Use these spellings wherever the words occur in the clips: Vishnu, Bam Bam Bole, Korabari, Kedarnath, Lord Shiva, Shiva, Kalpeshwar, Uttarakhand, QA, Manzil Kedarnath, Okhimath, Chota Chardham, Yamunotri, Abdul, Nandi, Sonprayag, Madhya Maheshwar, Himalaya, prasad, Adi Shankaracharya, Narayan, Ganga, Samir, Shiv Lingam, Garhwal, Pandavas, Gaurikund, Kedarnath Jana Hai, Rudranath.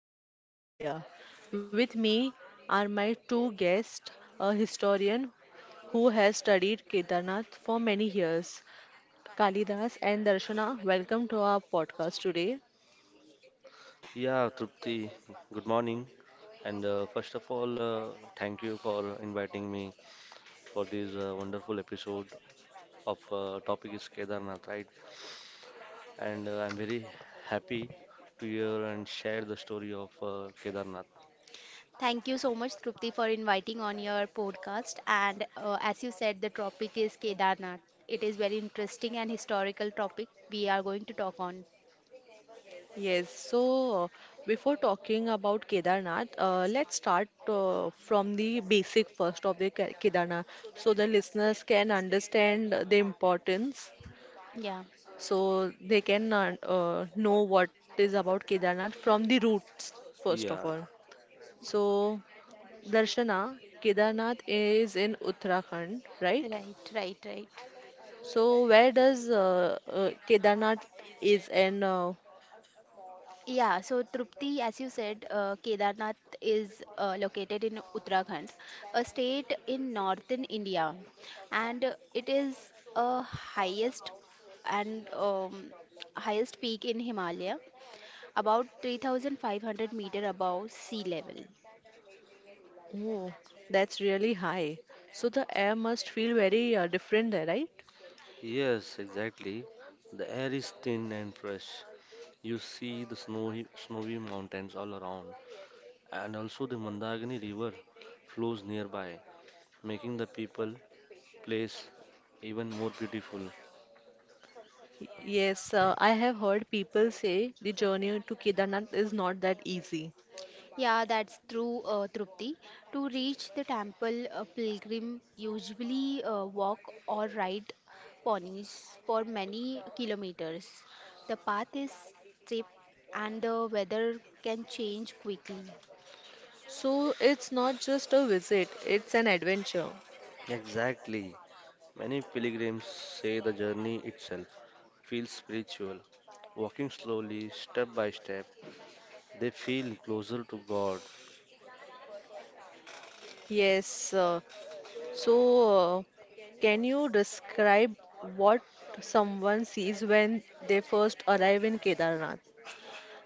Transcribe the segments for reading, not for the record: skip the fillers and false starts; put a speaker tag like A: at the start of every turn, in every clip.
A: holy town in India. With me are my two guests, a historian who has studied Kedarnath for many years, Kalidas and Darshana. Welcome to our podcast today.
B: Yeah, Trupti, good morning. And first of all, thank you for inviting me for this wonderful episode of topic is Kedarnath, right? And I'm very happy to hear and share the story of Kedarnath.
C: Thank you so much, Trupti, for inviting on your podcast. And as you said, the topic is Kedarnath. It is very interesting and historical topic we are going to talk on.
A: Yes, before talking about Kedarnath, let's start from the basic first of the Kedarnath so the listeners can understand the importance,
C: Yeah.
A: so they can know what is about Kedarnath from the roots, first of
B: Yeah,
A: all. So, Darshana, Kedarnath is in Uttarakhand, right?
C: Right, right, right.
A: So, where does Kedarnath is and
C: Yeah, so Trupti, as you said, Kedarnath is located in Uttarakhand, a state in northern India, and it is a highest and highest peak in Himalaya, about 3,500 meter above sea level.
A: Oh, that's really high. So the air must feel very different there, right?
B: yes, exactly. The air is thin and fresh. You see the snowy, snowy mountains all around, and also the Mandagini River flows nearby, making the people place even more beautiful.
A: Yes, I have heard people say the journey to Kedarnath is not that easy.
C: Yeah, that's true, Trupti. To reach the temple, a pilgrim usually walk or ride ponies for many kilometers. The path is steep and the weather can change quickly.
A: So it's not just a visit, it's an adventure.
B: Exactly. Many pilgrims say the journey itself feels spiritual. Walking slowly, step by step, they feel closer to God.
A: Yes, so uh, can you describe what someone sees when they first arrive in Kedarnath?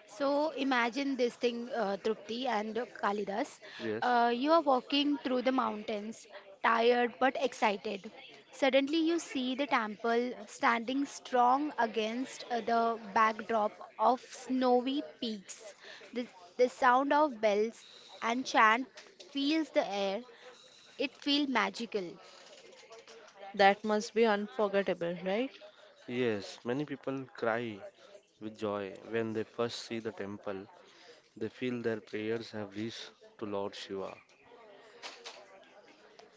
C: So imagine this thing, Trupti and Kalidas.
B: Yes,
C: You are walking through the mountains, tired but excited. Suddenly, you see the temple standing strong against the backdrop of snowy peaks. The, the sound of bells and chant fills the air. It feels magical.
A: That must be unforgettable, right?
B: yes, many people cry with joy when they first see the temple. They feel their prayers have reached to Lord Shiva.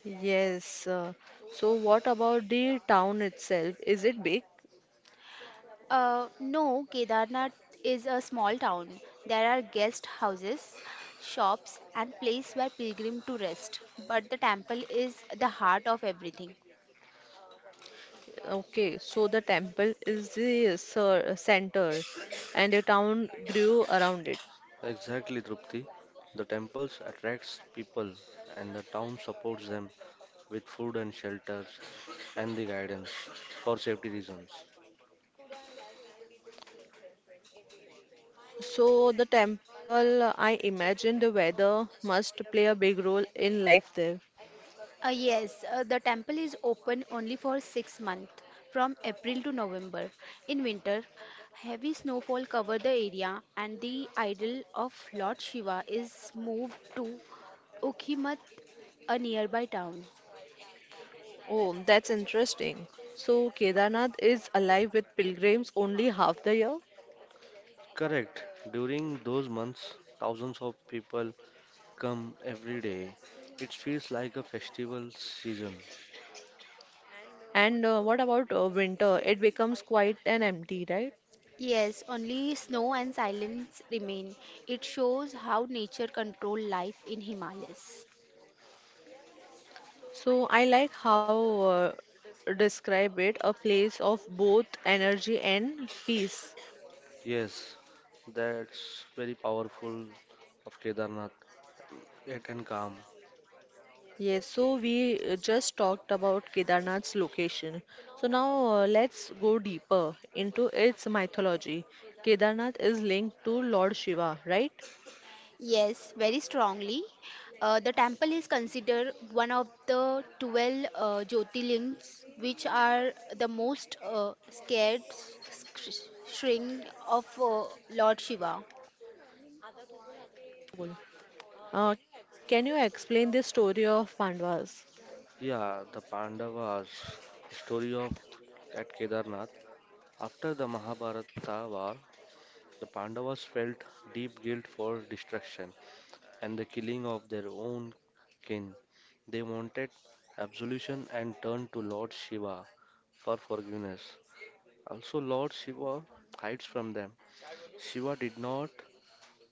A: Yes. So what about the town itself? Is it big?
C: No, Kedarnath is a small town. There are guest houses, shops, and place where pilgrims to rest. But the temple is the heart of everything.
A: Okay, so the temple is the center and the town grew around it.
B: Exactly, Trupti. The temples attracts people and the town supports them with food and shelter and the guidance for safety reasons.
A: So the temple, I imagine the weather must play a big role in life there.
C: Yes, the temple is open only for 6 months, from April to November. In winter, heavy snowfall cover the area, and the idol of Lord Shiva is moved to Okhimath, a nearby town.
A: Oh, that's interesting. So Kedarnath is alive with pilgrims only half the year.
B: Correct. During those months, thousands of people come every day. It feels like a festival season.
A: And what about winter? It becomes quite an empty, right?
C: Yes, only snow and silence remain. It shows how nature control life in Himalayas.
A: So I like how describe it a place of both energy and peace.
B: Yes, that's very powerful of Kedarnath. Yet and calm.
A: Yes, so we just talked about Kedarnath's location. So now let's go deeper into its mythology. Kedarnath is linked to Lord Shiva, right?
C: Yes, very strongly. The temple is considered one of the 12 Jyotirlings, which are the most scared shrine of Lord Shiva.
A: Bol. Can you explain the story of Pandavas?
B: Yeah, the Pandavas, the story of at Kedarnath. After the Mahabharata war, the Pandavas felt deep guilt for destruction and the killing of their own kin. They wanted absolution and turned to Lord Shiva for forgiveness. Also, Lord Shiva hides from them. Shiva did not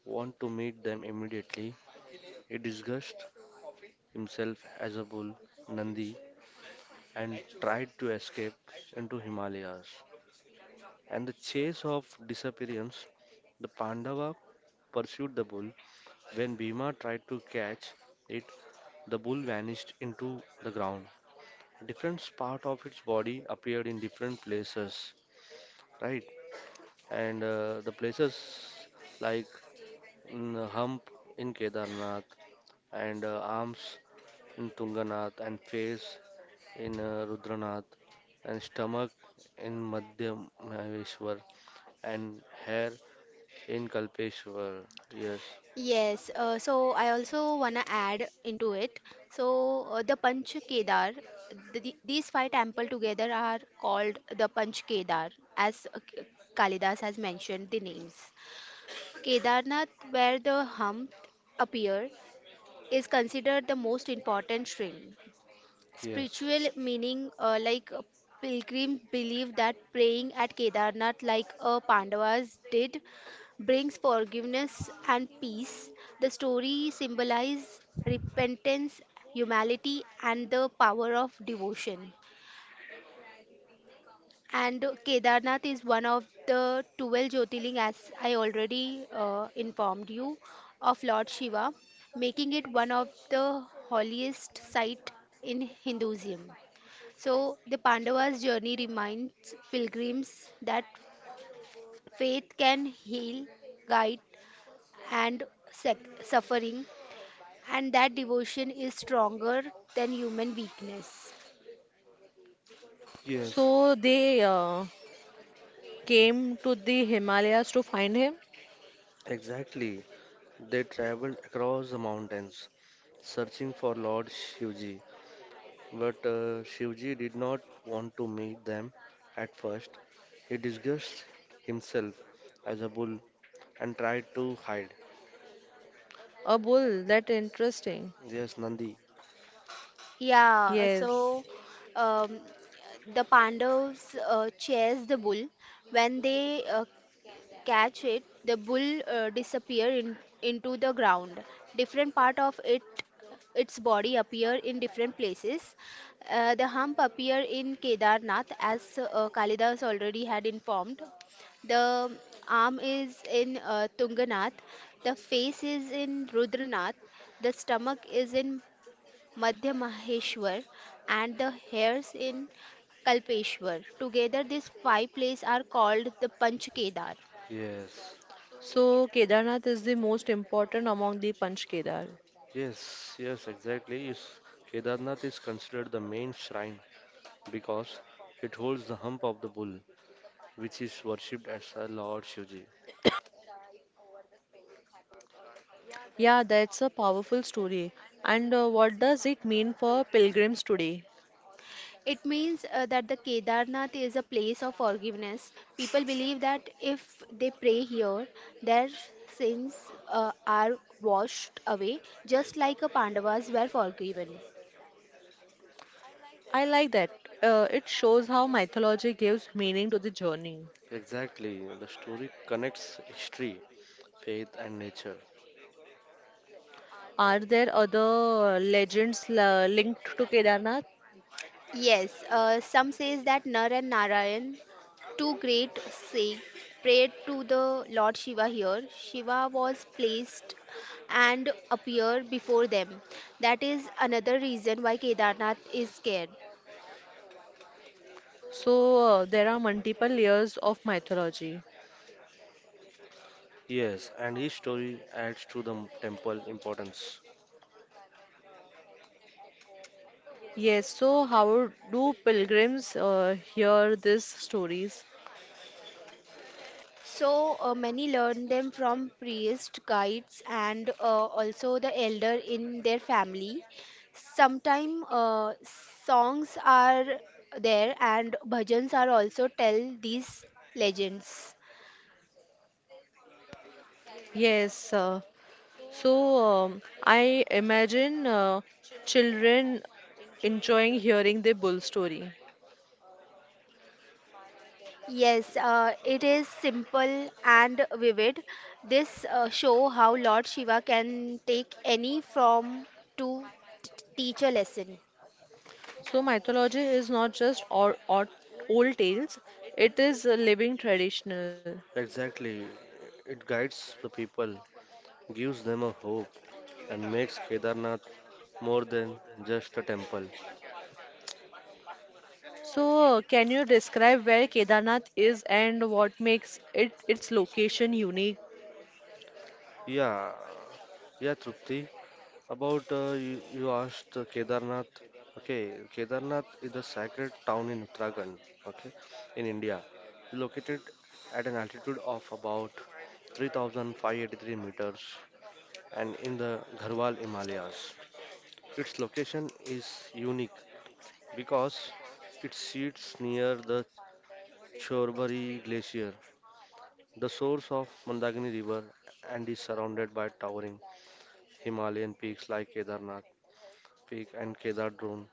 B: want to meet them immediately. He disguised himself as a bull, Nandi, and tried to escape into Himalayas. And the chase of disappearance, the Pandava pursued the bull. When Bhima tried to catch it, the bull vanished into the ground. Different part of its body appeared in different places, right? And the places like hump in Kedarnath, and arms in Tunganath, and face in Rudranath, and stomach in Madhya Maheshwar, and hair in Kalpeshwar. Yes,
C: Yes, so I also wanna add into it. So the Panch Kedar, these five temple together are called the Panch Kedar, as Kalidas has mentioned the names. Kedarnath, where the hump appear, is considered the most important shrine.
B: yes,
C: Spiritual meaning, pilgrims believe that praying at Kedarnath, like Pandavas did, brings forgiveness and peace. The story symbolizes repentance, humility, and the power of devotion. And Kedarnath is one of the 12 Jyotirling, as I already informed you, of Lord Shiva, making it one of the holiest site in Hinduism. So, the Pandavas' journey reminds pilgrims that faith can heal, guide, and sec- suffering, and that devotion is stronger than human weakness.
B: yes,
A: So they came to the Himalayas to find him?
B: exactly. They traveled across the mountains searching for Lord Shivji. But Shivji did not want to meet them at first. He disguised himself as a bull and tried to hide.
A: A bull, that interesting.
B: Yes, Nandi.
C: Yeah,
A: Yes.
C: so um, the Pandavas chased the bull when they catch it, the bull disappear in, into the ground. Different part of it, its body appear in different places. The hump appear in Kedarnath, as Kalidas already had informed. The arm is in Tunganath. The face is in Rudranath. The stomach is in Madhya Maheshwar, and the hairs in Kalpeshwar. Together, these five places are called the Panch Kedar.
B: Yes,
A: So Kedarnath is the most important among the Panch Kedar.
B: yes, yes, exactly. Yes. Kedarnath is considered the main shrine because it holds the hump of the bull, which is worshipped as a Lord Shivji.
A: Yeah, that's a powerful story. And what does it mean for pilgrims today?
C: It means that the Kedarnath is a place of forgiveness. People believe that if they pray here, their sins are washed away, just like a Pandavas were forgiven.
A: I like that. It shows how mythology gives meaning to the journey.
B: Exactly. The story connects history, faith, and nature.
A: Are there other legends linked to Kedarnath?
C: Yes, some says that Nar and Narayan, two great saints, prayed to the Lord Shiva here. Shiva was placed and appeared before them. That is another reason why Kedarnath is scared.
A: So there are multiple layers of mythology.
B: Yes, and each story adds to the temple importance.
A: Yes, so how do pilgrims hear these stories?
C: So many learn them from priests, guides, and also the elder in their family. Sometimes songs are there and bhajans are also tell these legends.
A: Yes, uh, I imagine children enjoying hearing the bull story.
C: Yes, it is simple and vivid. This show how Lord Shiva can take any form to teach a lesson.
A: So mythology is not just or old tales; it is a living traditional.
B: Exactly. It guides the people, gives them a hope, and makes Kedarnath more than just a temple.
A: So can you describe where Kedarnath is and what makes it its location unique?
B: Yeah, yeah, Trupti. About you asked Kedarnath. Okay, Kedarnath is the sacred town in Uttarakhand, okay, in India, located at an altitude of about 3,583 meters and in the Garhwal Himalayas. Its location is unique because it sits near the Chorbari Glacier, the source of Mandagini River, and is surrounded by towering Himalayan peaks like Kedarnath Peak and Kedar Drone,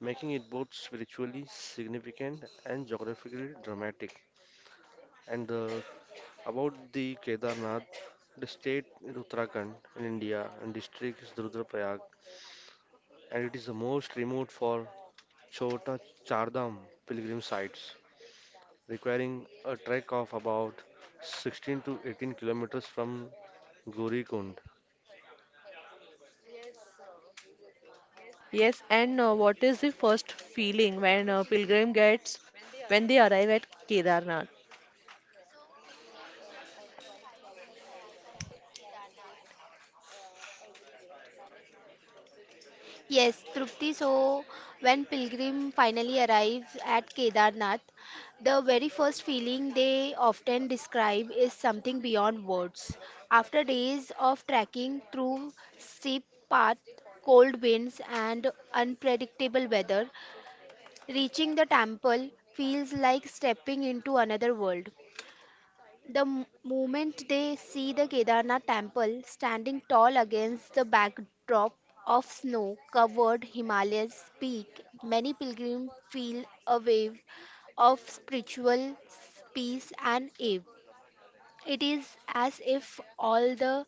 B: making it both spiritually significant and geographically dramatic. And about the Kedarnath, the state in Uttarakhand in India and district is Rudraprayag, and it is the most remote for Chota Chardham pilgrim sites, requiring a trek of about 16 to 18 kilometers from Gaurikund.
A: Yes, and what is the first feeling when a pilgrim gets when they arrive at Kedarnath?
C: Yes, Trupti. So, when pilgrim finally arrives at Kedarnath, the very first feeling they often describe is something beyond words. After days of trekking through steep paths, cold winds, and unpredictable weather, reaching the temple feels like stepping into another world. The moment they see the Kedarnath temple standing tall against the backdrop of snow covered Himalayas peak, many pilgrims feel a wave of spiritual peace and awe. It is as if all the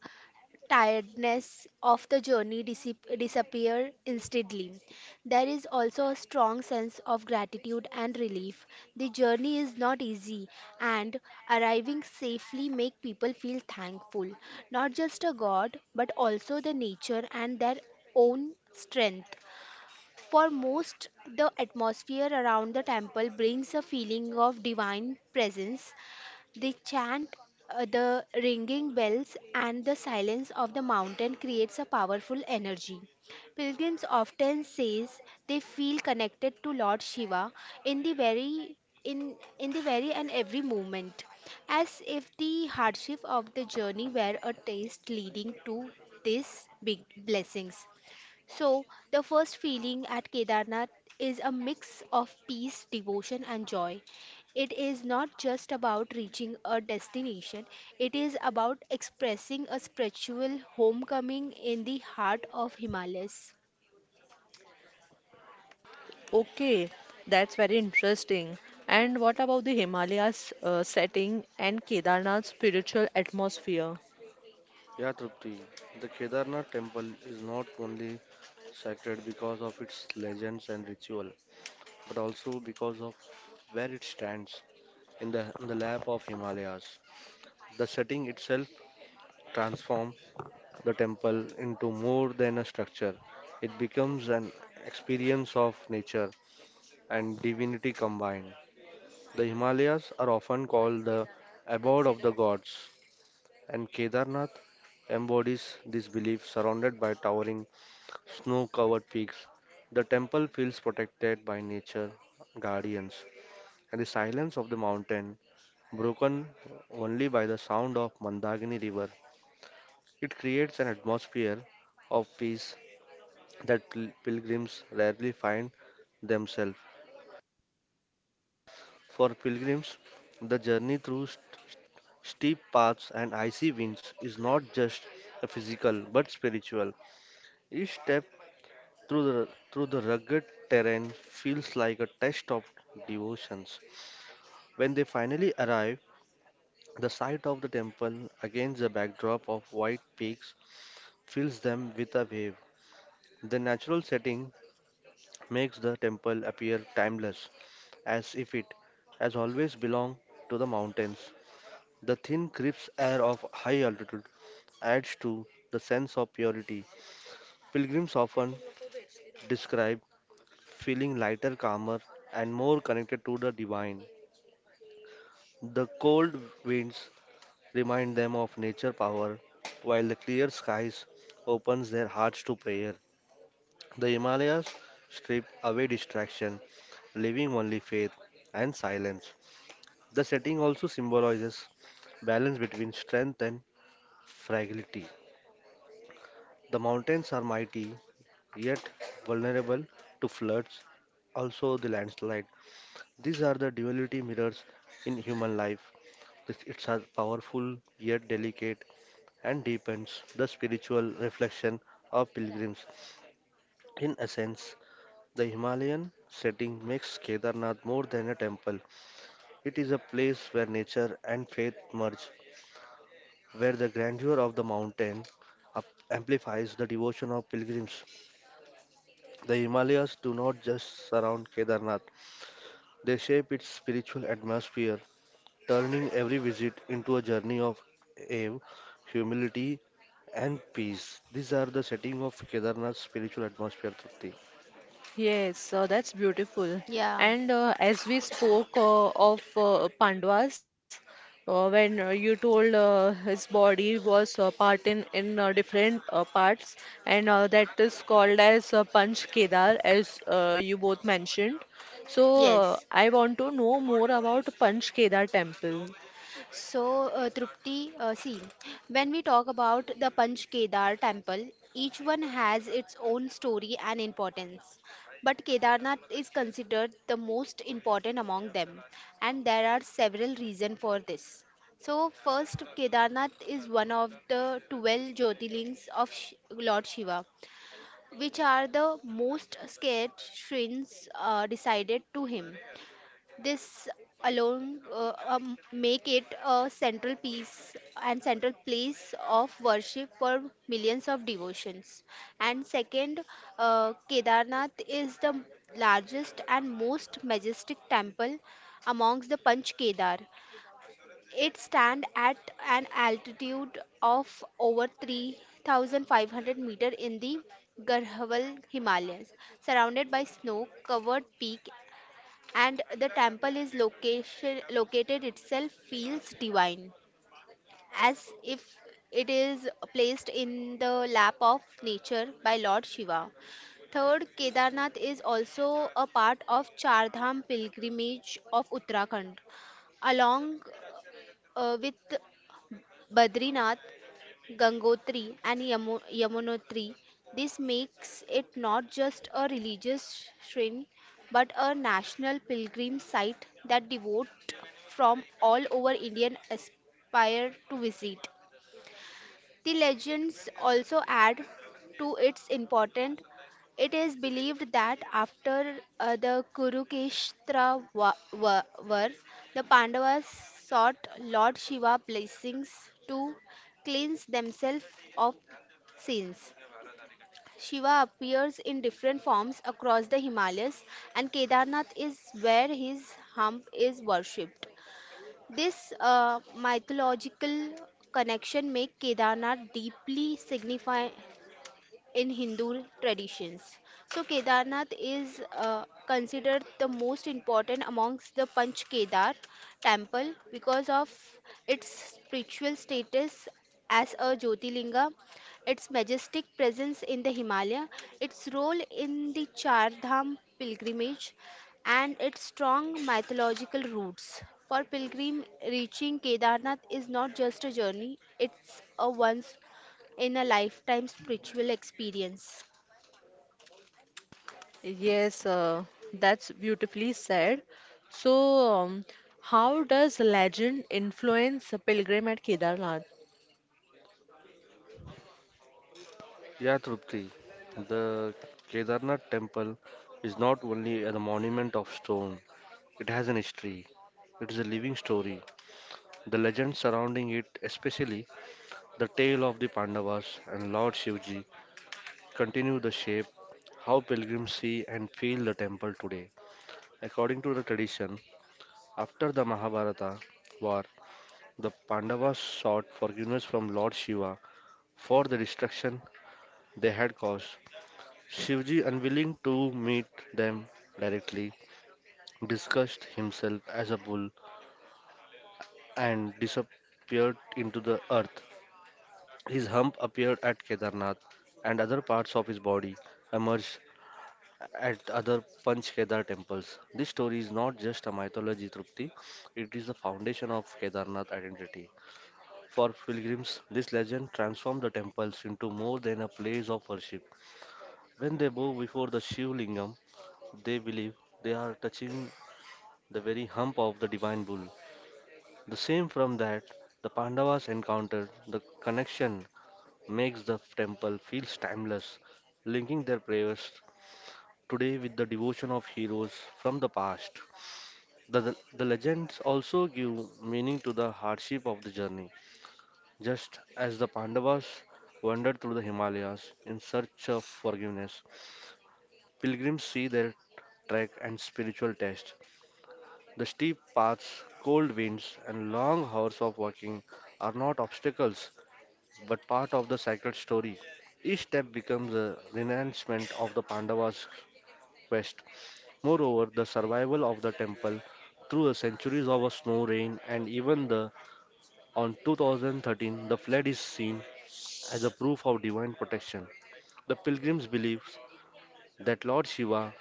C: tiredness of the journey disappear instantly. There is also a strong sense of gratitude and relief. The journey is not easy and arriving safely make people feel thankful, not just a god but also the nature and their own strength. For most, the atmosphere around the temple brings a feeling of divine presence the chant, the ringing bells, and the silence of the mountain creates a powerful energy. Pilgrims often says they feel connected to Lord Shiva in the very in the very and every moment, as if the hardship of the journey were a taste leading to these big blessings. So, the first feeling at Kedarnath is a mix of peace, devotion, and joy. It is not just about reaching a destination, it is about expressing a spiritual homecoming in the heart of Himalayas.
A: Okay, that's very interesting. And what about the Himalayas setting and Kedarnath's spiritual atmosphere?
B: Yeah, Trupti, the Kedarnath temple is not only sacred because of its legends and ritual, but also because of where it stands in the on the lap of Himalayas. The setting itself transforms the temple into more than a structure. It becomes an experience of nature and divinity combined. The Himalayas are often called the abode of the gods and Kedarnath embodies this belief. Surrounded by towering snow covered peaks, the temple feels protected by nature guardians, and the silence of the mountain, broken only by the sound of Mandagini river, it creates an atmosphere of peace that pilgrims rarely find themselves. For pilgrims, the journey through steep paths and icy winds is not just a physical but spiritual. Each step through the rugged terrain feels like a test of devotions. When they finally arrive, the sight of the temple against the backdrop of white peaks fills them with a wave. The natural setting makes the temple appear timeless, as if it has always belonged to the mountains. The thin crisp air of high altitude adds to the sense of purity. Pilgrims often describe feeling lighter, calmer, and more connected to the divine. The cold winds remind them of nature power, while the clear skies opens their hearts to prayer. The Himalayas strip away distraction, leaving only faith and silence. The setting also symbolizes balance between strength and fragility. The mountains are mighty yet vulnerable to floods, also the landslide. These are the duality mirrors in human life. It's a powerful yet delicate and deepens the spiritual reflection of pilgrims. In essence, the Himalayan setting makes Kedarnath more than a temple. It is a place where nature and faith merge, where the grandeur of the mountain up- amplifies the devotion of pilgrims. The Himalayas do not just surround Kedarnath, they shape its spiritual atmosphere turning every visit into a journey of awe, humility, and peace. These are the setting of Kedarnath's spiritual atmosphere, Trupti.
A: Yes, that's beautiful.
C: Yeah,
A: And as we spoke of Pandavas, when you told his body was part in different parts, and that is called as Panch Kedar, as you both mentioned. So
C: yes.
A: I want to know more about Panch Kedar temple.
C: So, Trupti, see, when we talk about the Panch Kedar temple, each one has its own story and importance. But Kedarnath is considered the most important among them, and there are several reasons for this. So, first, Kedarnath is one of the 12 Jyotirlings of Lord Shiva, which are the most sacred shrines decided to him. This alone make it a central piece and central place of worship for millions of devotions. And second, Kedarnath is the largest and most majestic temple amongst the Panch Kedar. It stands at an altitude of over 3,500 meter in the Garhwal Himalayas, surrounded by snow-covered peak and the temple is location located itself feels divine as if it is placed in the lap of nature by Lord Shiva. Third, Kedarnath is also a part of Chardham pilgrimage of Uttarakhand, along with Badrinath Gangotri and Yamunotri. This makes it not just a religious shrine but a national pilgrim site that devote from all over Indian aspire to visit. The legends also add to its importance. It is believed that after the Kurukshetra war, the Pandavas sought Lord Shiva blessings to cleanse themselves of sins. Shiva appears in different forms across the Himalayas, and Kedarnath is where his hump is worshipped. This mythological connection make Kedarnath deeply signifi in Hindu traditions. So Kedarnath is considered the most important amongst the Panch Kedar temple because of its spiritual status as a Jyotirlinga, its majestic presence in the Himalaya, its role in the Char Dham pilgrimage, and its strong mythological roots. For pilgrim, reaching Kedarnath is not just a journey, it's a once in a lifetime spiritual experience.
A: Yes, that's beautifully said. So, um, how does legend influence a pilgrim at Kedarnath?
B: Yeah, Trupti, the Kedarnath temple is not only a monument of stone, it has an history. It is a living story. The legends surrounding it, especially the tale of the Pandavas and Lord Shivji, continue the shape how pilgrims see and feel the temple today. According to the tradition, after the Mahabharata war, the Pandavas sought forgiveness from Lord Shiva for the destruction they had caused. Shivji, unwilling to meet them directly, disguised himself as a bull and disappeared into the earth. His hump appeared at Kedarnath, and other parts of his body emerged at other Panch Kedar temples. This story is not just a mythology, Trupti, it is the foundation of Kedarnath identity. For pilgrims, this legend transformed the temples into more than a place of worship. When they bow before the Shiv Lingam, they believe they are touching the very hump of the divine bull. The same from that the Pandavas encountered, the connection makes the temple feels timeless, linking their prayers today with the devotion of heroes from the past. The legends also give meaning to the hardship of the journey. Just as the Pandavas wandered through the Himalayas in search of forgiveness, pilgrims see their trek and spiritual test. The steep paths, cold winds, and long hours of walking are not obstacles but part of the sacred story. Each step becomes a renouncement of the Pandavas' quest. Moreover, the survival of the temple through the centuries of a snow rain and even the on 2013 the flood is seen as a proof of divine protection. The pilgrims believe that Lord Shiva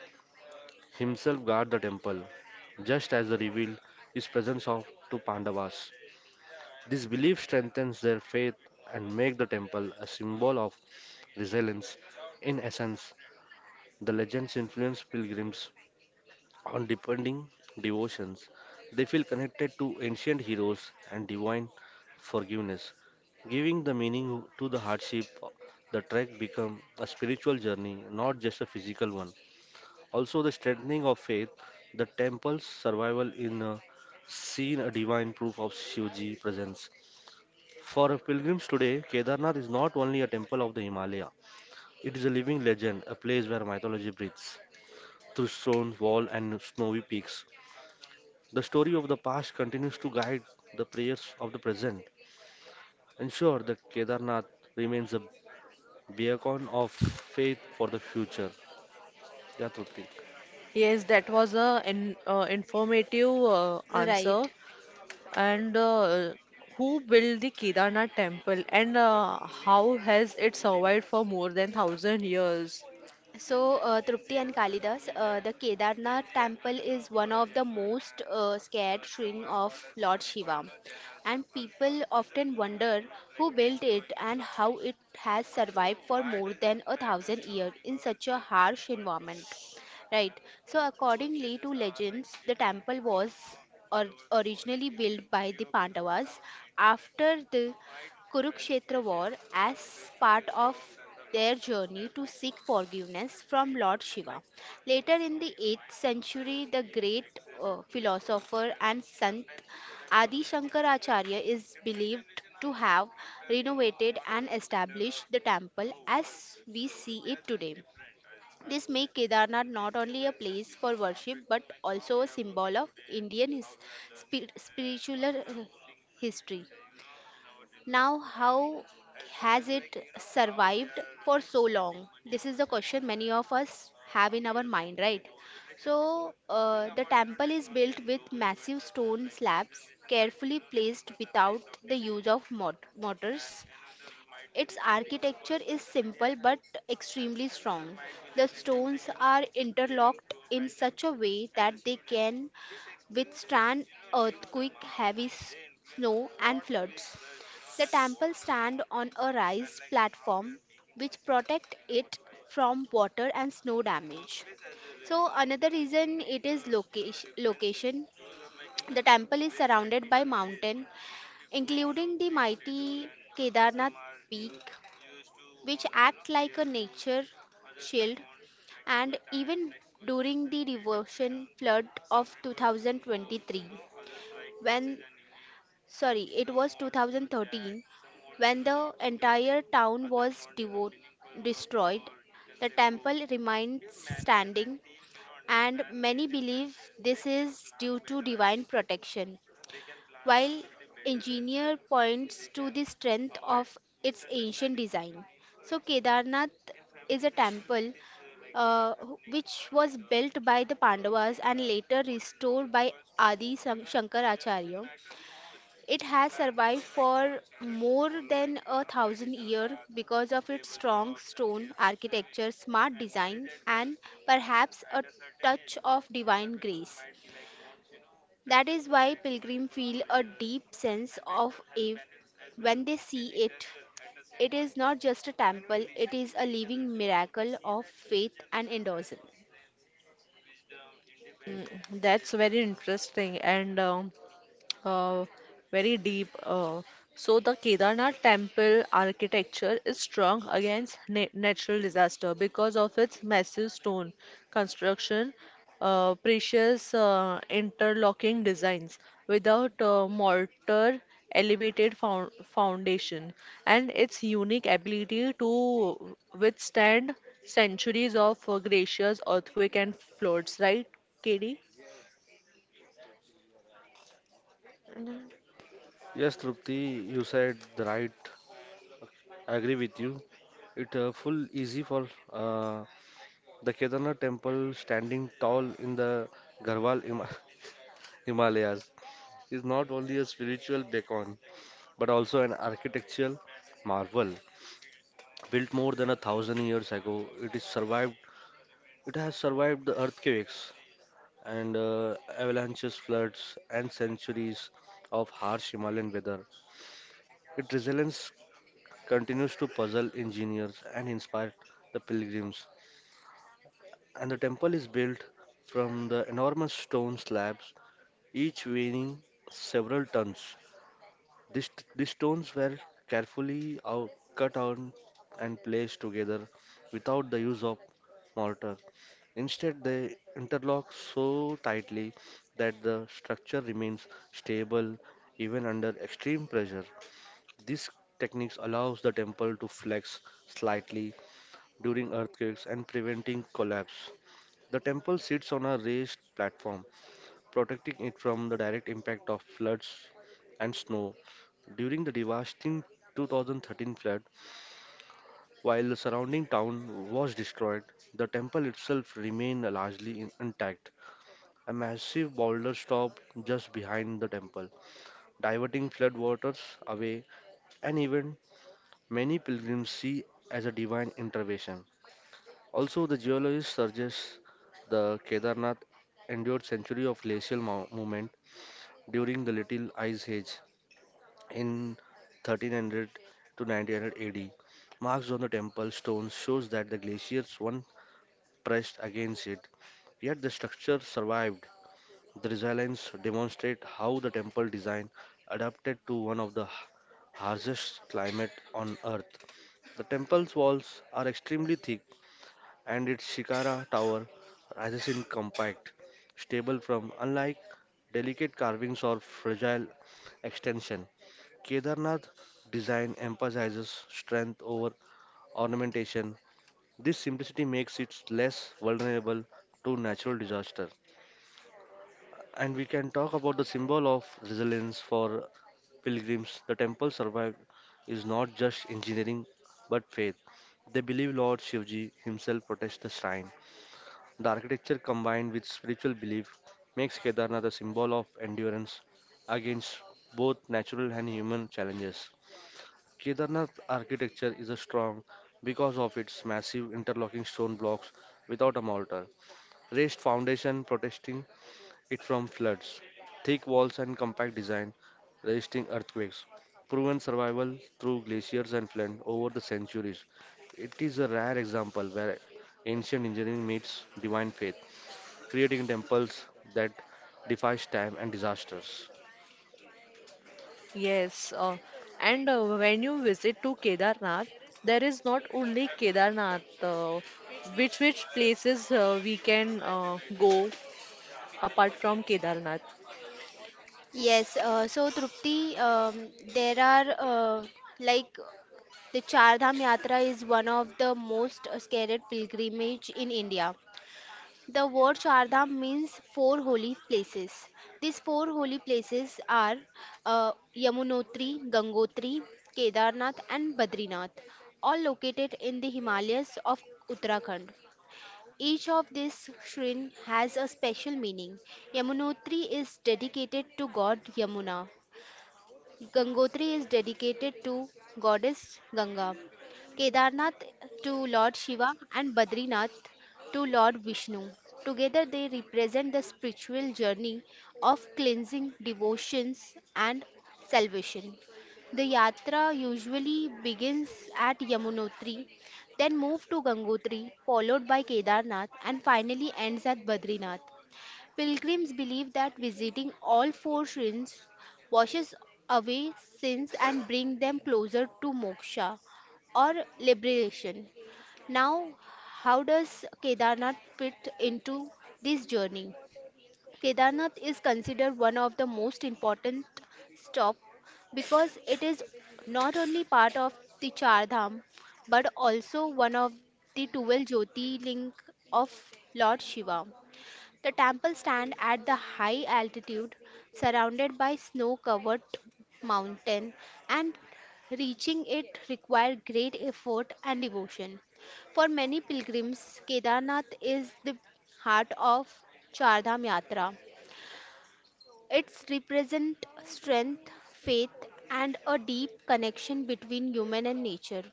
B: himself guard the temple, just as he revealed his presence of to Pandavas. This belief strengthens their faith and make the temple a symbol of resilience. In essence, the legends influence pilgrims on depending devotions. They feel connected to ancient heroes and divine forgiveness, giving the meaning to the hardship. The trek become a spiritual journey, not just a physical one. Also, the strengthening of faith, the temple's survival in seen a divine proof of Shivji presence. For pilgrims today, Kedarnath is not only a temple of the Himalaya, it is a living legend, a place where mythology breathes through stone wall and snowy peaks. The story of the past continues to guide the prayers of the present, ensure that Kedarnath remains a beacon of faith for the future. Yeah, Trupti.
A: Yes, that was a informative
C: Right.
A: answer. And who built the Kedarnath temple and how has it survived for more than thousand years?
C: So, Trupti and Kalidas, the Kedarnath temple is one of the most scared shrine of Lord Shiva. And people often wonder who built it and how it has survived for more than a thousand years in such a harsh environment. Right. So, accordingly to legends, the temple was originally built by the Pandavas after the Kurukshetra war as part of their journey to seek forgiveness from Lord Shiva. Later in the 8th century, the great philosopher and saint Adi Shankaracharya is believed to have renovated and established the temple as we see it today. This makes Kedarnath not only a place for worship but also a symbol of Indian his, spiritual history. Now, how has it survived for so long? This is the question many of us have in our mind, right? So, the temple is built with massive stone slabs carefully placed without the use of mortars its architecture is simple but extremely strong. The stones are interlocked in such a way that they can withstand earthquake, heavy snow and floods. The temple stand on a raised platform which protect it from water and snow damage. So another reason it is location. The temple is surrounded by mountain, including the mighty Kedarnath peak which act like a nature shield and even during the devotion flood of 2023 when sorry it was 2013 when the entire town was destroyed the temple remained standing and many believe this is due to divine protection while engineer points to the strength of its ancient design. So Kedarnath is a temple uh, which was built by the Pandavas and later restored by Adi Shankaracharya. It has survived for more than a thousand years because of its strong stone architecture, smart design, and perhaps a touch of divine grace. That is why pilgrims feel a deep sense of awe when they see it. It is not just a temple, it is a living miracle of faith and endorsement.
A: That's very interesting. And Uh, Very deep. Uh, so the Kedarnath temple architecture is strong against na natural disaster because of its massive stone construction, precious interlocking designs without mortar, elevated foundation, and its unique ability to withstand centuries of glaciers, earthquake, and floods. Right, KD?
B: Yes, Trupti, you said the right. I agree with you. It full easy for uh, the Kedarnath temple standing tall in the Garhwal Himalayas is not only a spiritual beacon but also an architectural marvel. Built more than a thousand years ago, it is survived. It has survived the earthquakes and avalanches, floods, and centuries of harsh Himalayan weather. Its resilience continues to puzzle engineers and inspire the pilgrims and the temple is built from the enormous stone slabs, each weighing several tons. These, these stones were carefully cut out and placed together without the use of mortar. Instead, they interlock so tightly that the structure remains stable even under extreme pressure. This technique allows the temple to flex slightly during earthquakes and preventing collapse. The temple sits on a raised platform, protecting it from the direct impact of floods and snow. During the devastating 2013 flood, while the surrounding town was destroyed, the temple itself remained largely intact. A massive boulder stopped just behind the temple, diverting flood waters away, an event many pilgrims see as a divine intervention. Also, the geologist suggests the Kedarnath endured centuries of glacial movement during the Little Ice Age in 1300 to 1900 AD. Marks on the temple stones shows that the glaciers once pressed against it, yet the structure survived. The resilience demonstrate how the temple design adapted to one of the harshest climate on earth. The temple's walls are extremely thick and its shikara tower rises in compact, stable from unlike delicate carvings or fragile extension. Kedarnath design emphasizes strength over ornamentation. This simplicity makes it less vulnerable to natural disaster. And we can talk about the symbol of resilience for pilgrims. The temple survived is not just engineering but faith. They believe Lord Shivji himself protects the shrine. The architecture combined with spiritual belief makes Kedarnath a symbol of endurance against both natural and human challenges. Kedarnath architecture is a strong because of its massive interlocking stone blocks without a mortar, raised foundation protecting it from floods, thick walls and compact design resisting earthquakes, proven survival through glaciers and flood over the centuries. It is a rare example where ancient engineering meets divine faith, creating temples that defy time and disasters.
A: Yes, and when you visit to Kedarnath, there is not only Kedarnath, which places we can go apart from Kedarnath.
C: Yes, so Trupti, there are uh, like the Char Dham Yatra is one of the most scared pilgrimage in India. The word Chardham means four holy places. These four holy places are Yamunotri, Gangotri, Kedarnath, and Badrinath, all located in the Himalayas of Uttarakhand. Each of these shrine has a special meaning. Yamunotri is dedicated to God Yamuna, Gangotri is dedicated to goddess Ganga, Kedarnath to Lord Shiva, and Badrinath to Lord Vishnu. Together they represent the spiritual journey of cleansing, devotions, and salvation. The yatra usually begins at Yamunotri, then moves to Gangotri, followed by Kedarnath, and finally ends at Badrinath. Pilgrims believe that visiting all four shrines washes away sins and bring them closer to moksha or liberation. Now, how does Kedarnath fit into this journey? Kedarnath is considered one of the most important stop because it is not only part of the Char Dham but also one of the 12 Jyotirling of Lord Shiva. The temple stands at the high altitude, surrounded by snow-covered mountain, and reaching it required great effort and devotion. For many pilgrims, Kedarnath is the heart of Chardham Yatra, it's represent strength, faith, and a deep connection between human and nature.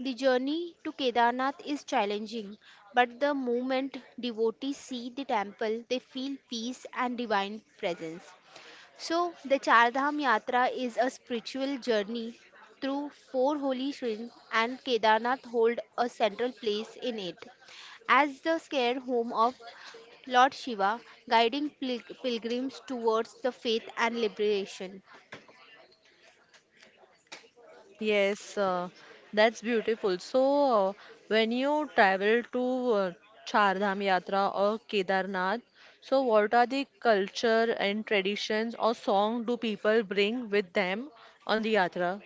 C: The journey to Kedarnath is challenging, but the moment devotees see the temple, they feel peace and divine presence. So, the Char Dham Yatra is a spiritual journey through four holy shrines, and Kedarnath hold a central place in it. As the sacred home of Lord Shiva, guiding pilgrims towards the faith and liberation.
A: Yes, that's beautiful. So when you travel to Char Dham Yatra or Kedarnath, so what are the culture and traditions or song do people bring with them on the yatra?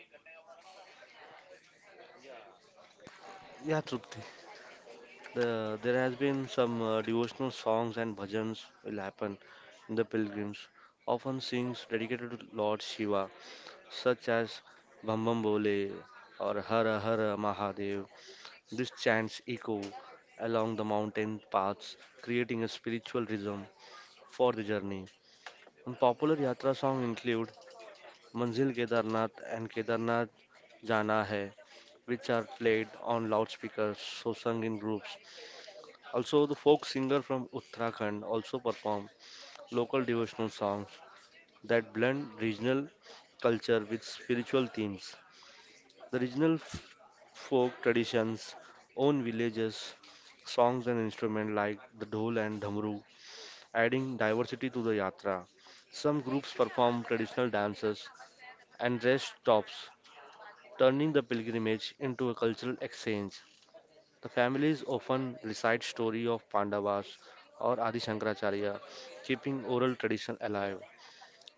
B: Yeah, Trupti. There has been some devotional songs and bhajans will happen in the pilgrims, often sings dedicated to Lord Shiva, such as Bam Bam Bole or Hara Hara Mahadev. These chants echo along the mountain paths, creating a spiritual rhythm for the journey. And popular yatra songs include Manzil Kedarnath and Kedarnath Jana Hai, which are played on loudspeakers, so sung in groups. Also, the folk singer from Uttarakhand also perform local devotional songs that blend regional culture with spiritual themes. The regional folk traditions, own villages, songs and instruments like the dhol and dhamru, adding diversity to the yatra. Some groups perform traditional dances and rest stops, turning the pilgrimage into a cultural exchange. The families often recite story of Pandavas or Adi Shankaracharya, keeping oral tradition alive.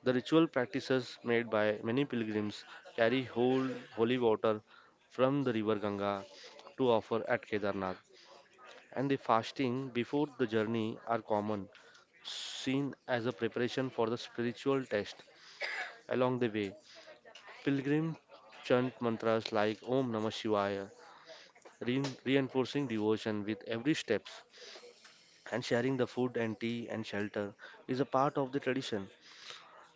B: The ritual practices made by many pilgrims carry whole holy water from the river Ganga to offer at Kedarnath, and the fasting before the journey are common, seen as a preparation for the spiritual test along the way. Pilgrims chant mantras like Om Namah Shivaya, reinforcing devotion with every step, and sharing the food and tea and shelter is a part of the tradition.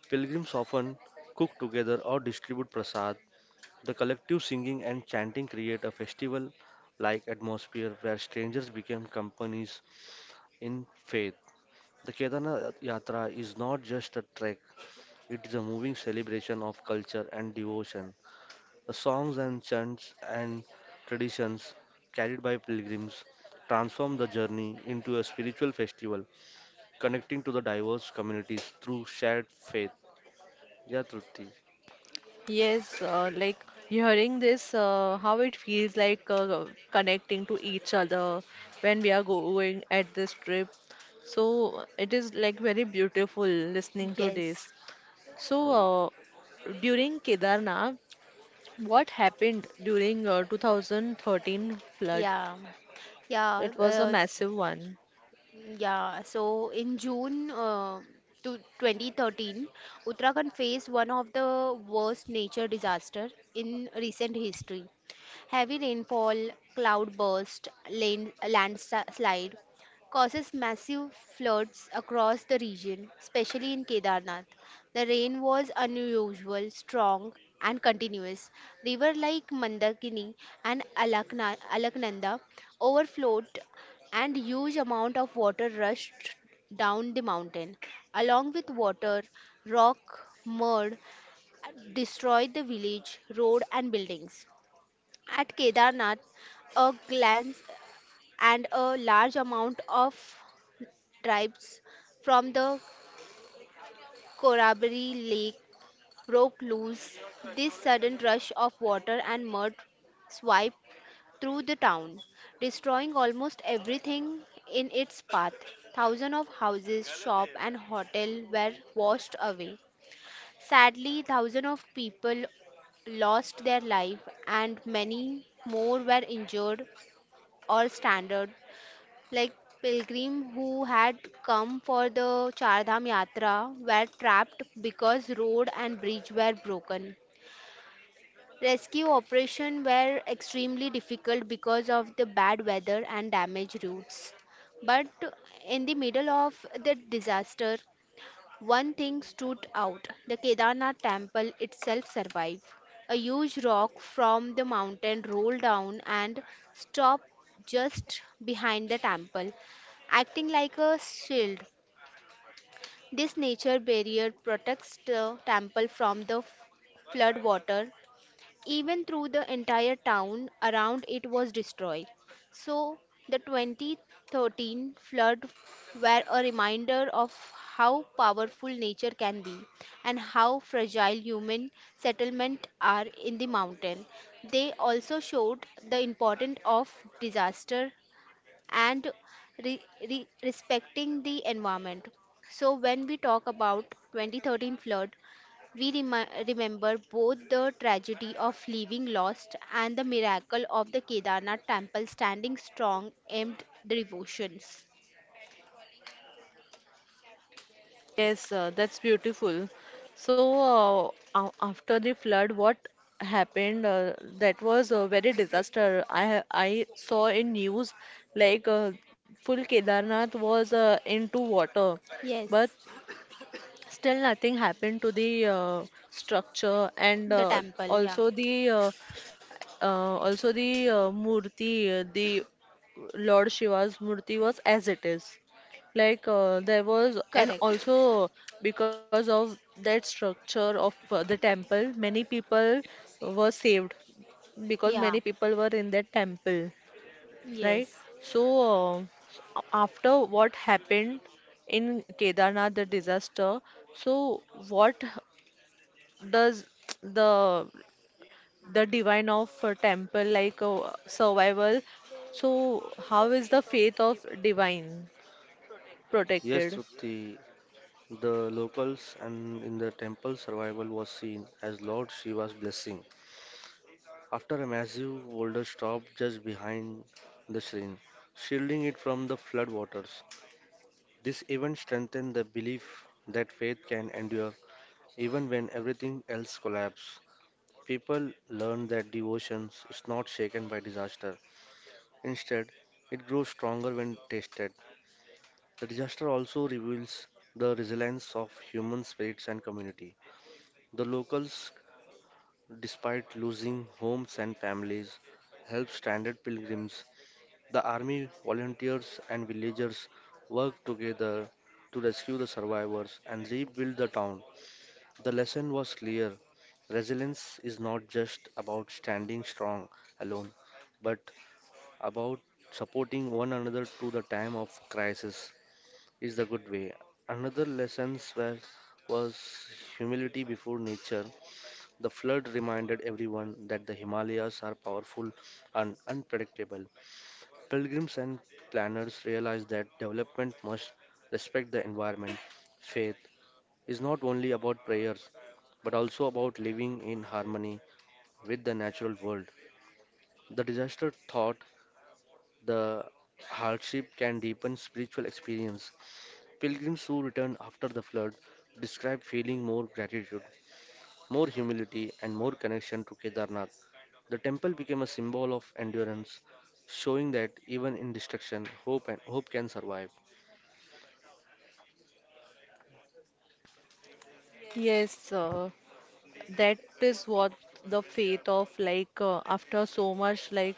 B: Pilgrims often cook together or distribute prasad. The collective singing and chanting create a festival like atmosphere where strangers become companies in faith. The Kedarnath Yatra is not just a trek, it is a moving celebration of culture and devotion. The songs and chants and traditions carried by pilgrims transform the journey into a spiritual festival connecting to the diverse communities through shared faith. Yeah, Trupti.
A: Yes, like hearing this, how it feels like connecting to each other when we are going at this trip. So it is like very beautiful listening to this.
C: Yes,
A: So
B: Well,
A: during Kedarnath, what happened during 2013 flood?
C: yeah, yeah.
A: It was a
C: Uh,
A: massive one.
C: Yeah, so in June to 2013, Uttarakhand faced one of the worst nature disaster in recent history. Heavy rainfall, cloudburst, landslide causes massive floods across the region, especially in Kedarnath. The rain was unusual, strong, and continuous. Rivers like Mandakini and Alaknanda overflowed and huge amount of water rushed down the mountain. Along with water, rock, mud destroyed the village, road and buildings. At Kedarnath, a glance and a large amount of tribes from the Korabari lake broke loose. This sudden rush of water and mud swept through the town, destroying almost everything in its path. Thousands of houses, shops, and hotels were washed away. Sadly, thousands of people lost their life, and many more were injured or stranded. Like pilgrims who had come for the Chardham Yatra were trapped because road and bridge were broken. Rescue operations were extremely difficult because of the bad weather and damaged routes. But in the middle of the disaster, one thing stood out. The Kedarnath temple itself survived. A huge rock from the mountain rolled down and stopped just behind the temple, acting like a shield. This nature barrier protects the temple from the flood water even through the entire town around it was destroyed. So, the 2013 flood were a reminder of how powerful nature can be and how fragile human settlements are in the mountain. They also showed the importance of disaster and re- respecting the environment. So when we talk about 2013 flood, we remember both the tragedy of living lost and the miracle of the Kedarnath temple standing strong amid devotions.
A: Yes, that's beautiful. So, uh, After the flood, what happened? That was a very disaster. I saw in news like full Kedarnath was into water, but
C: Yes.
A: still nothing happened to the uh, structure and
C: The temple, yeah,
A: also the uh, also, the Murti, the Lord Shiva's Murti was as it is. Like there was, and
C: correct.
A: also because of that structure of the temple, many people were saved because many
C: Yeah,
A: people were in that temple, right?
C: yes.
A: So, after what happened in Kedarnath, the disaster, so what does the the divine of temple like survival, so how is the faith of divine
B: yes,
A: protected?
B: Trupti. The locals and in the temple survival was seen as Lord Shiva's blessing. After a massive boulder stopped just behind the shrine, shielding it from the flood waters. This event strengthened the belief that faith can endure even when everything else collapses. People learn that devotion is not shaken by disaster. Instead, it grows stronger when tasted. The disaster also reveals the resilience of human spirits and community. The locals, despite losing homes and families, help stranded pilgrims. The army, volunteers, and villagers work together to rescue the survivors and rebuild the town. The lesson was clear, resilience is not just about standing strong alone, but about supporting one another to the time of crisis is the good way. Another lesson was humility before nature. The flood reminded everyone that the Himalayas are powerful and unpredictable. Pilgrims and planners realized that development must respect the environment. Faith is not only about prayers, but also about living in harmony with the natural world. The disaster taught the hardship can deepen spiritual experience. Pilgrims who returned after the flood describe feeling more gratitude, more humility, and more connection to Kedarnath. The temple became a symbol of endurance, showing that even in destruction, hope and hope can survive.
A: Yes, that is what the faith of like after so much like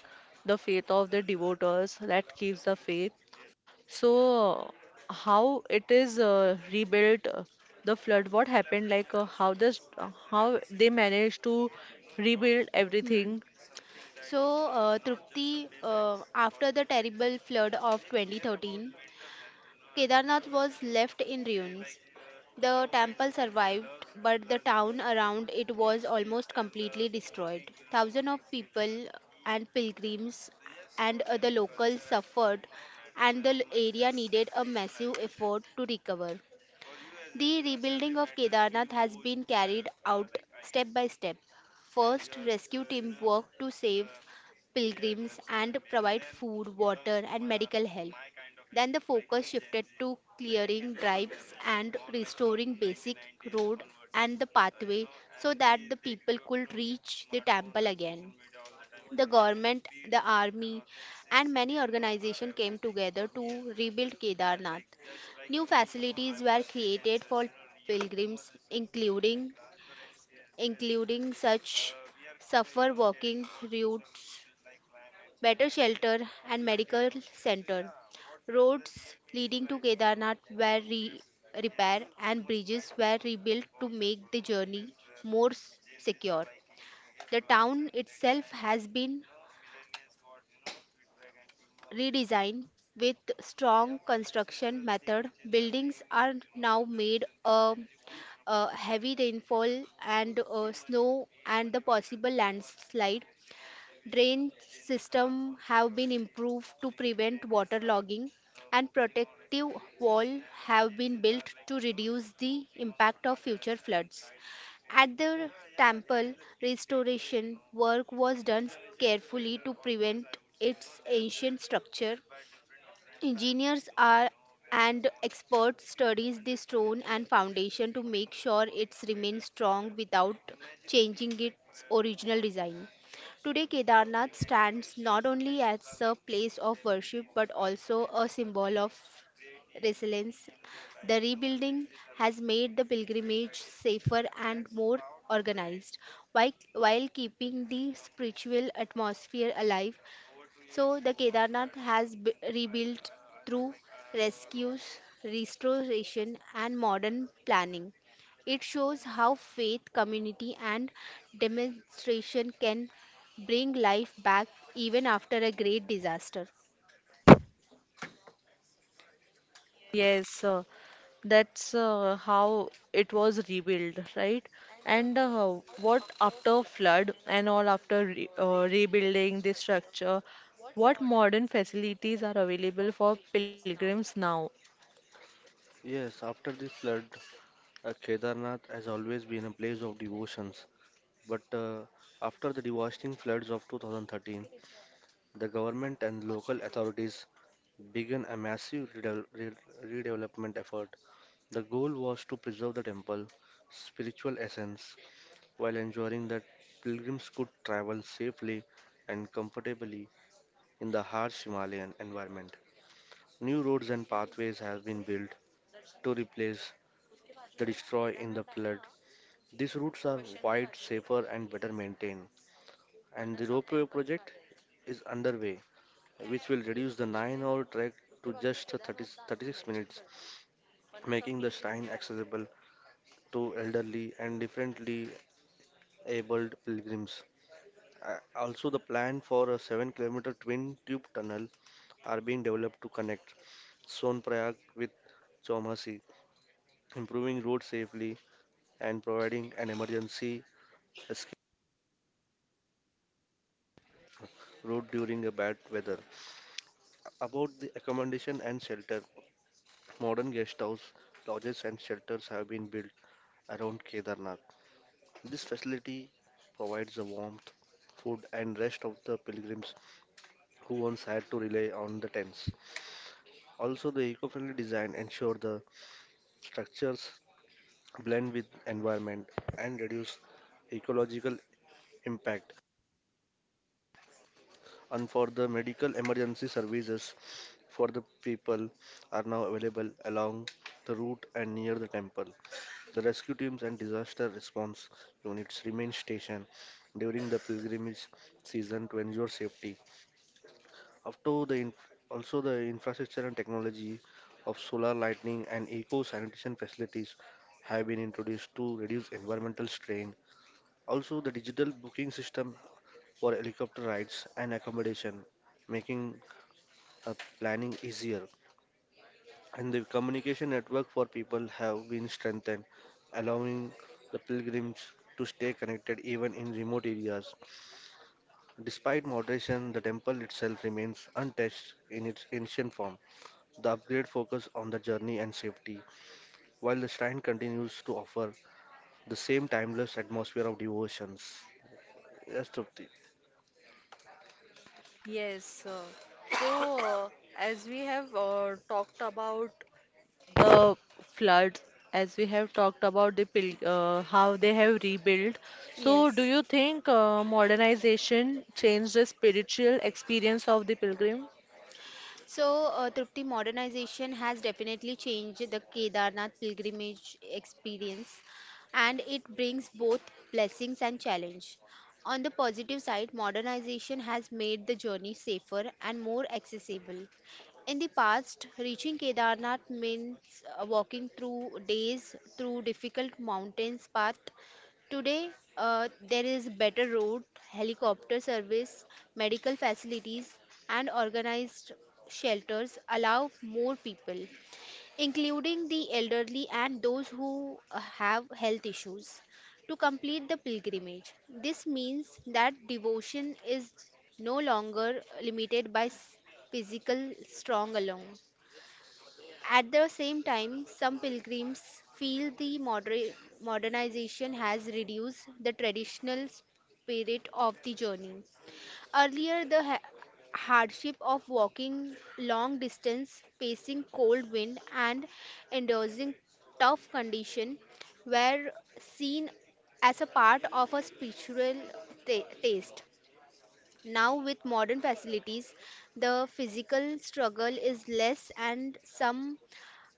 A: the faith of the devotees that keeps the faith. So how it is rebuilt, the flood what happened, like how this, how they managed to rebuild
C: Hmm.
A: everything.
C: So, Trupti, after the terrible flood of 2013, Kedarnath was left in ruins. The temple survived, but the town around it was almost completely destroyed. Thousands of people and pilgrims and other locals suffered, and the area needed a massive effort to recover. The rebuilding of Kedarnath has been carried out step by step. First, rescue team worked to save pilgrims and provide food, water, and medical help. Then the focus shifted to clearing drives and restoring basic road and the pathway so that the people could reach the temple again. The government, the army, and many organizations came together to rebuild Kedarnath. New facilities were created for pilgrims, including such suffer walking routes, better shelter, and medical center. Roads leading to Kedarnath were repaired, and bridges were rebuilt to make the journey more secure. The town itself has been redesign with strong construction method buildings are now made heavy rainfall and snow and the possible landslide. Drain system have been improved to prevent water logging and protective wall have been built to reduce the impact of future floods. At the temple, restoration work was done carefully to prevent its ancient structure. Engineers are and experts studies the stone and foundation to make sure it remains strong without changing its original design. Today Kedarnath stands not only as a place of worship but also a symbol of resilience. The rebuilding has made the pilgrimage safer and more organized, while keeping the spiritual atmosphere alive so the Kedarnath has rebuilt through rescues, restoration, and modern planning. It shows how faith, community, and demonstration can bring life back even after a great disaster.
A: Yes, that's how it was rebuilt, right? And what after flood and all after re rebuilding the structure, what modern facilities are available for pilgrims now?
B: Yes, after the flood, Kedarnath has always been a place of devotions. But after the devastating floods of 2013, the government and local authorities began a massive redevelopment effort. The goal was to preserve the temple spiritual essence while ensuring that pilgrims could travel safely and comfortably in the harsh Himalayan environment. New roads and pathways have been built to replace the destroyed in the flood. These routes are wide, safer, and better maintained, and the ropeway project is underway which will reduce the 9-hour trek to just 30, 36 minutes, making the shrine accessible to elderly and differently abled pilgrims. Also, the plan for a 7-kilometer twin tube tunnel are being developed to connect Sonprayag with Chaumasi, improving road safely and providing an emergency escape route during a bad weather. About the accommodation and shelter, modern guest house, lodges, and shelters have been built around Kedarnath. This facility provides the warmth, food, and rest of the pilgrims who once had to rely on the tents. Also, the eco friendly design ensure the structures blend with environment and reduce ecological impact. And for the medical emergency services for the people are now available along the route and near the temple. The rescue teams and disaster response units remain stationed during the pilgrimage season to ensure safety. Also, the infrastructure and technology of solar lighting and eco sanitation facilities have been introduced to reduce environmental strain. Also, the digital booking system for helicopter rides and accommodation, making planning easier. And the communication network for people have been strengthened, allowing the pilgrims to stay connected even in remote areas. Despite moderation, the temple itself remains untouched in its ancient form. The upgrade focuses on the journey and safety, while the shrine continues to offer the same timeless atmosphere of devotions. Yes, Trupti.
A: Yes. So, as we have talked about the floods, as we have talked about the pil how they have rebuilt. So, do
C: Yes.
A: you think modernization changed the spiritual experience of the pilgrim?
C: So, Trupti, modernization has definitely changed the Kedarnath pilgrimage experience and it brings both blessings and challenge. On the positive side, modernization has made the journey safer and more accessible. In the past, reaching Kedarnath means walking through days through difficult mountains path. Today, there is better road, helicopter service, medical facilities, and organized shelters allow more people, including the elderly and those who have health issues, to complete the pilgrimage. This means that devotion is no longer limited by physical strong alone. At the same time, some pilgrims feel the modernization has reduced the traditional spirit of the journey. Earlier, the hardship of walking long distance, facing cold wind, and enduring tough conditions were seen as a part of a spiritual taste. Now, with modern facilities, the physical struggle is less, and some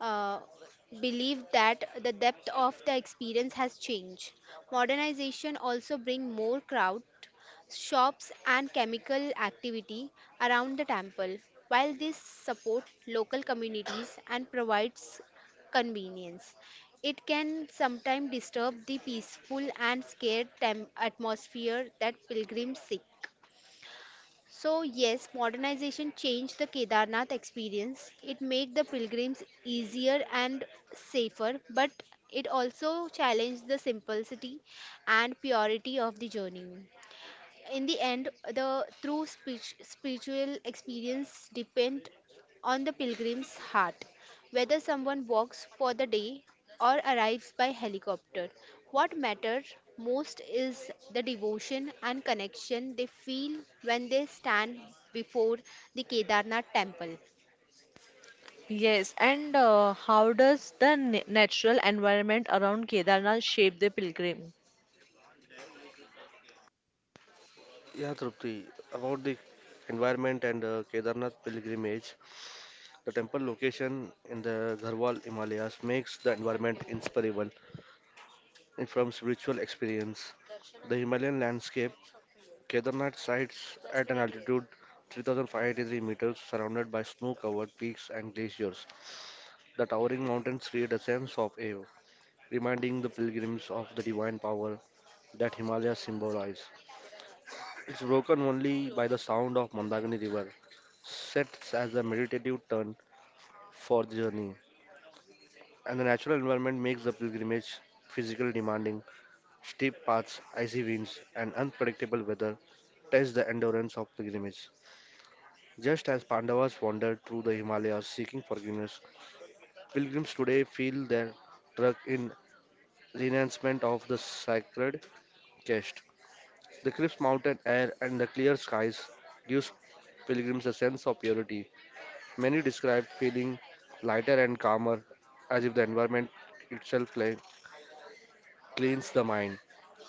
C: uh, believe that the depth of the experience has changed. Modernization also bring more crowd, shops and chemical activity around the temple, while this support local communities and provides convenience. It can sometimes disturb the peaceful and scared tem- atmosphere that pilgrims seek. So yes, modernization changed the Kedarnath experience. It made the pilgrims easier and safer, but it also challenged the simplicity and purity of the journey in the end, the true speech, spiritual experience depend on the pilgrim's heart, whether someone walks for the day or arrives by helicopter. What matters most is the devotion and connection they feel when they stand before the Kedarnath temple.
A: Yes, and how does the na natural environment around Kedarnath shape the pilgrim?
B: Yeah, Trupti. About the environment and Kedarnath pilgrimage, the temple location in the Garhwal Himalayas makes the environment inseparable from spiritual experience. The Himalayan landscape, Kedarnath sites at an altitude 3,583 meters, surrounded by snow-covered peaks and glaciers. The towering mountains create a sense of awe, reminding the pilgrims of the divine power that Himalayas symbolize. It's broken only by the sound of Mandagini River, sets as a meditative turn for the journey, and the natural environment makes the pilgrimage physical demanding. Steep paths, icy winds, and unpredictable weather test the endurance of pilgrimage. Just as Pandavas wandered through the Himalayas seeking forgiveness, pilgrims today feel their trek in renouncement of the sacred quest. The crisp mountain air and the clear skies gives pilgrims a sense of purity. Many describe feeling lighter and calmer, as if the environment itself cleans the mind.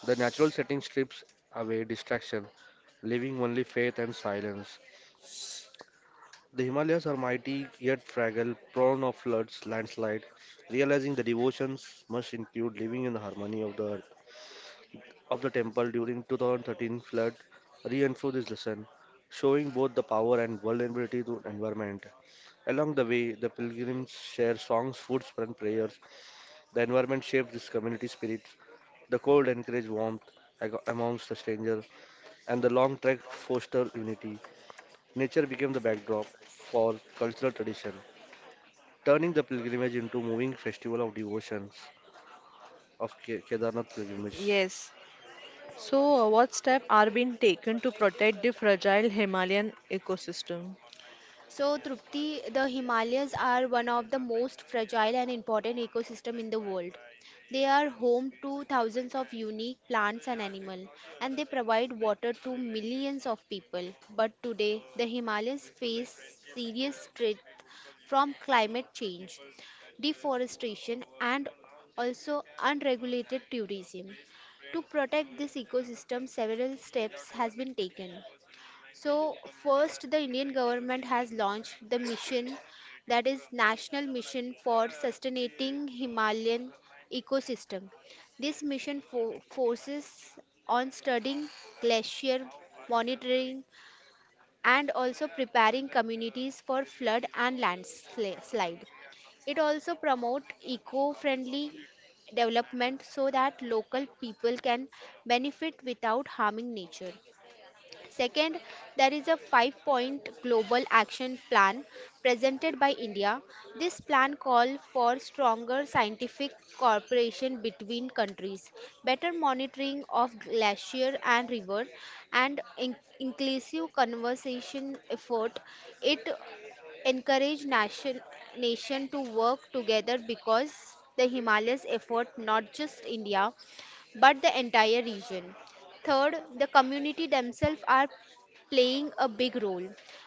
B: The natural setting strips away distraction, leaving only faith and silence. The Himalayas are mighty yet fragile, prone of floods, landslide. Realizing the devotions must include living in the harmony of the earth of the temple during 2013 flood reinforced this lesson, showing both the power and vulnerability to environment. Along the way, the pilgrims share songs, foods, and prayers. The environment shapes this community spirit. The cold encouraged warmth amongst the strangers, and the long trek fostered unity. Nature became the backdrop for cultural tradition, turning the pilgrimage into a moving festival of devotions of Kedarnath pilgrimage.
A: Yes. So, what steps are being taken to protect the fragile Himalayan ecosystem?
C: So, Trupti, the Himalayas are one of the most fragile and important ecosystem in the world. They are home to thousands of unique plants and animals, and they provide water to millions of people. But today, the Himalayas face serious threat from climate change, deforestation, and also unregulated tourism. To protect this ecosystem, several steps has been taken. So, first, the Indian government has launched the mission that is National Mission for Sustaining Himalayan Ecosystem. This mission focuses on studying glacier monitoring and also preparing communities for flood and landslide. It also promotes eco-friendly development so that local people can benefit without harming nature. Second, there is a 5 point global action plan presented by India. This plan calls for stronger scientific cooperation between countries, better monitoring of glacier and river, and inclusive conservation effort. It encourage nation to work together because the Himalayas effort not just India but the entire region. Third, the community themselves are playing a big role.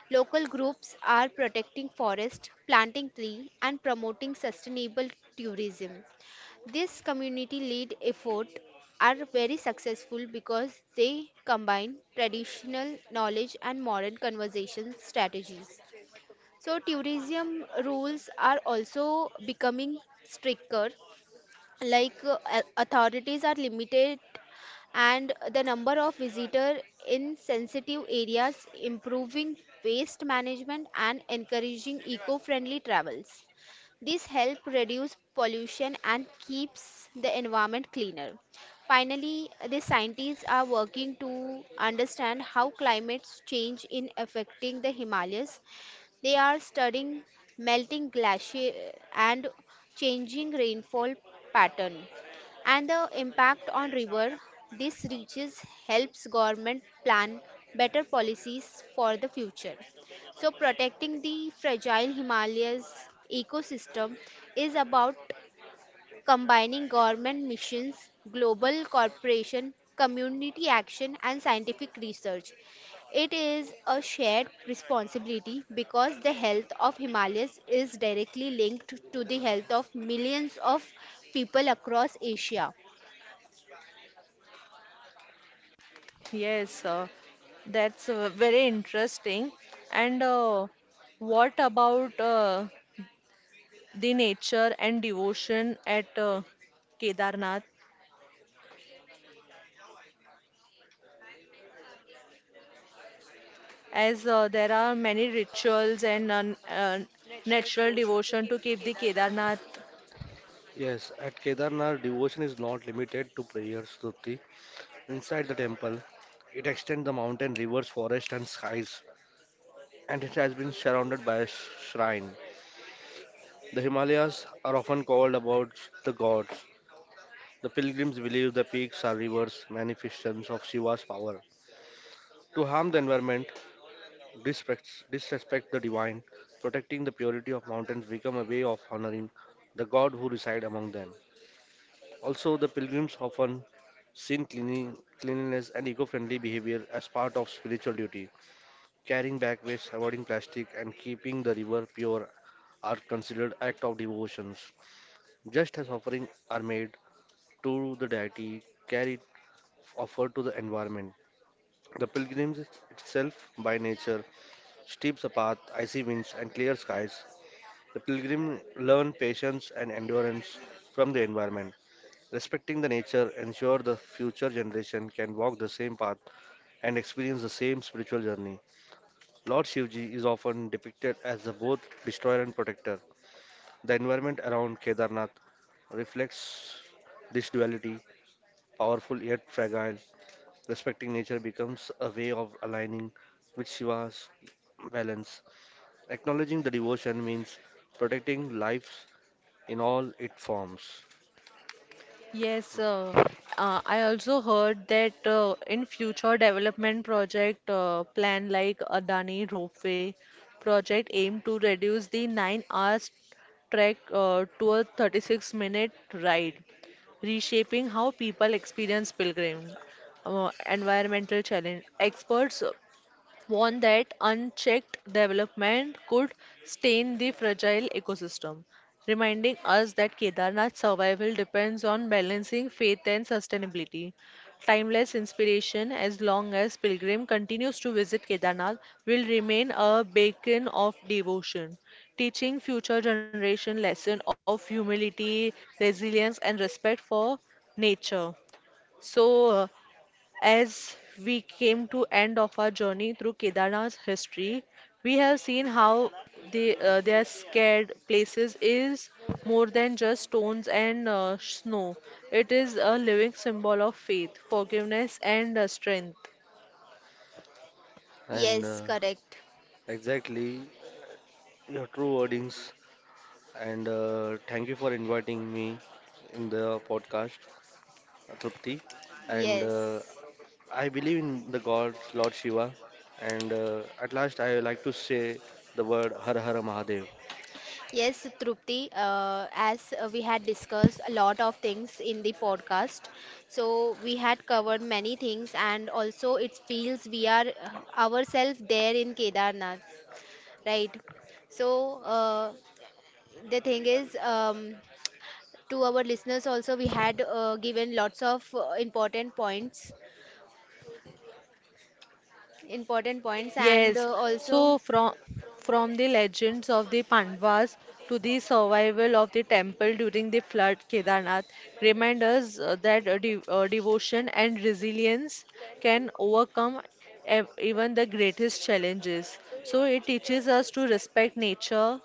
C: Local groups are protecting forest, planting tree and promoting sustainable tourism. This community led effort are very successful because they combine traditional knowledge and modern conservation strategies. So tourism rules are also becoming stricter, like authorities are limited and the number of visitors in sensitive areas, improving waste management and encouraging eco-friendly travels. This help reduce pollution and keeps the environment cleaner. Finally, the scientists are working to understand how climate change is affecting the Himalayas they are studying melting glacier and changing rainfall pattern and the impact on river. This reaches helps government plan better policies for the future. So protecting the fragile Himalayas ecosystem is about combining government missions, global cooperation, community action, and scientific research. It is a shared responsibility because the health of Himalayas is directly linked to the health of millions of people across Asia.
A: Yes, that's very interesting. And what about the nature and devotion at Kedarnath? As there are many rituals and natural devotion to keep the Kedarnath.
B: Yes, at Kedarnath, devotion is not limited to prayers, Stuti. Inside the temple, it extends the mountain, rivers, forest, and skies, and it has been surrounded by a shrine. The Himalayas are often called about the gods. The pilgrims believe the peaks are rivers, manifestations of Shiva's power. To harm the environment, disrespect the divine, protecting the purity of mountains become a way of honoring the god who reside among them. Also, the pilgrims often seen cleanliness and eco friendly behavior as part of spiritual duty. Carrying back waste, avoiding plastic, and keeping the river pure are considered acts of devotions. Just as offerings are made to the deity, carried offered to the environment. The pilgrims itself, by nature, steeps a path, icy winds, and clear skies. The pilgrim learn patience and endurance from the environment. Respecting the nature ensure the future generation can walk the same path and experience the same spiritual journey. Lord Shivji is often depicted as the both destroyer and protector. The environment around Kedarnath reflects this duality, powerful yet fragile. Respecting nature becomes a way of aligning with Shiva's balance. Acknowledging the devotion means protecting life in all its forms.
A: Yes, I also heard that in future development project plan like Adani Ropeway project aim to reduce the 9 hours trek to a 36-minute ride, reshaping how people experience pilgrim, environmental challenge. Experts warned that unchecked development could stain the fragile ecosystem, reminding us that Kedarnath's survival depends on balancing faith and sustainability. Timeless inspiration, as long as pilgrim continues to visit Kedarnath, will remain a beacon of devotion, teaching future generation lesson of humility, resilience, and respect for nature. So, as we came to end of our journey through Kedarnath's history, we have seen how the their scared places is more than just stones and snow. It is a living symbol of faith, forgiveness, and strength.
B: And
C: Yes, correct.
B: exactly your true wordings, and thank you for inviting me in the podcast, Trupti. And
C: Yes.
B: I believe in the God, Lord Shiva. And at last, I like to say the word Har Har Mahadev.
C: Yes, Trupti, as we had discussed a lot of things in the podcast, so we had covered many things, and also it feels we are ourselves there in Kedarnath, right? So, the thing is, to our listeners, also, we had given lots of important points, and
A: Yes,
C: also,
A: so from the legends of the Pandavas to the survival of the temple during the flood, Kedarnath remind us that de devotion and resilience can overcome ev even the greatest challenges. So it teaches us to respect nature,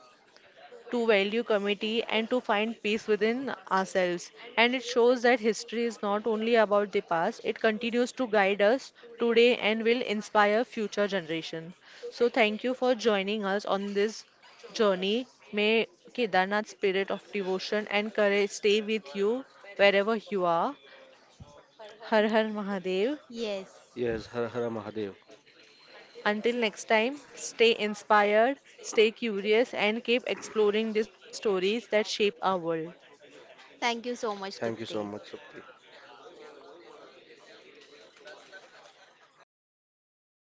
A: to value community and to find peace within ourselves. And it shows that history is not only about the past, it continues to guide us today and will inspire future generations. So thank you for joining us on this journey. May Kedarnath's spirit of devotion and courage stay with you wherever you are. Har Har Mahadev.
C: yes,
B: Yes, Har Har Mahadev.
A: Until next time, stay inspired, stay curious, and keep exploring the stories that shape our world.
C: thank you so much,
B: Thank you so
C: Trupti.
B: much, Trupti.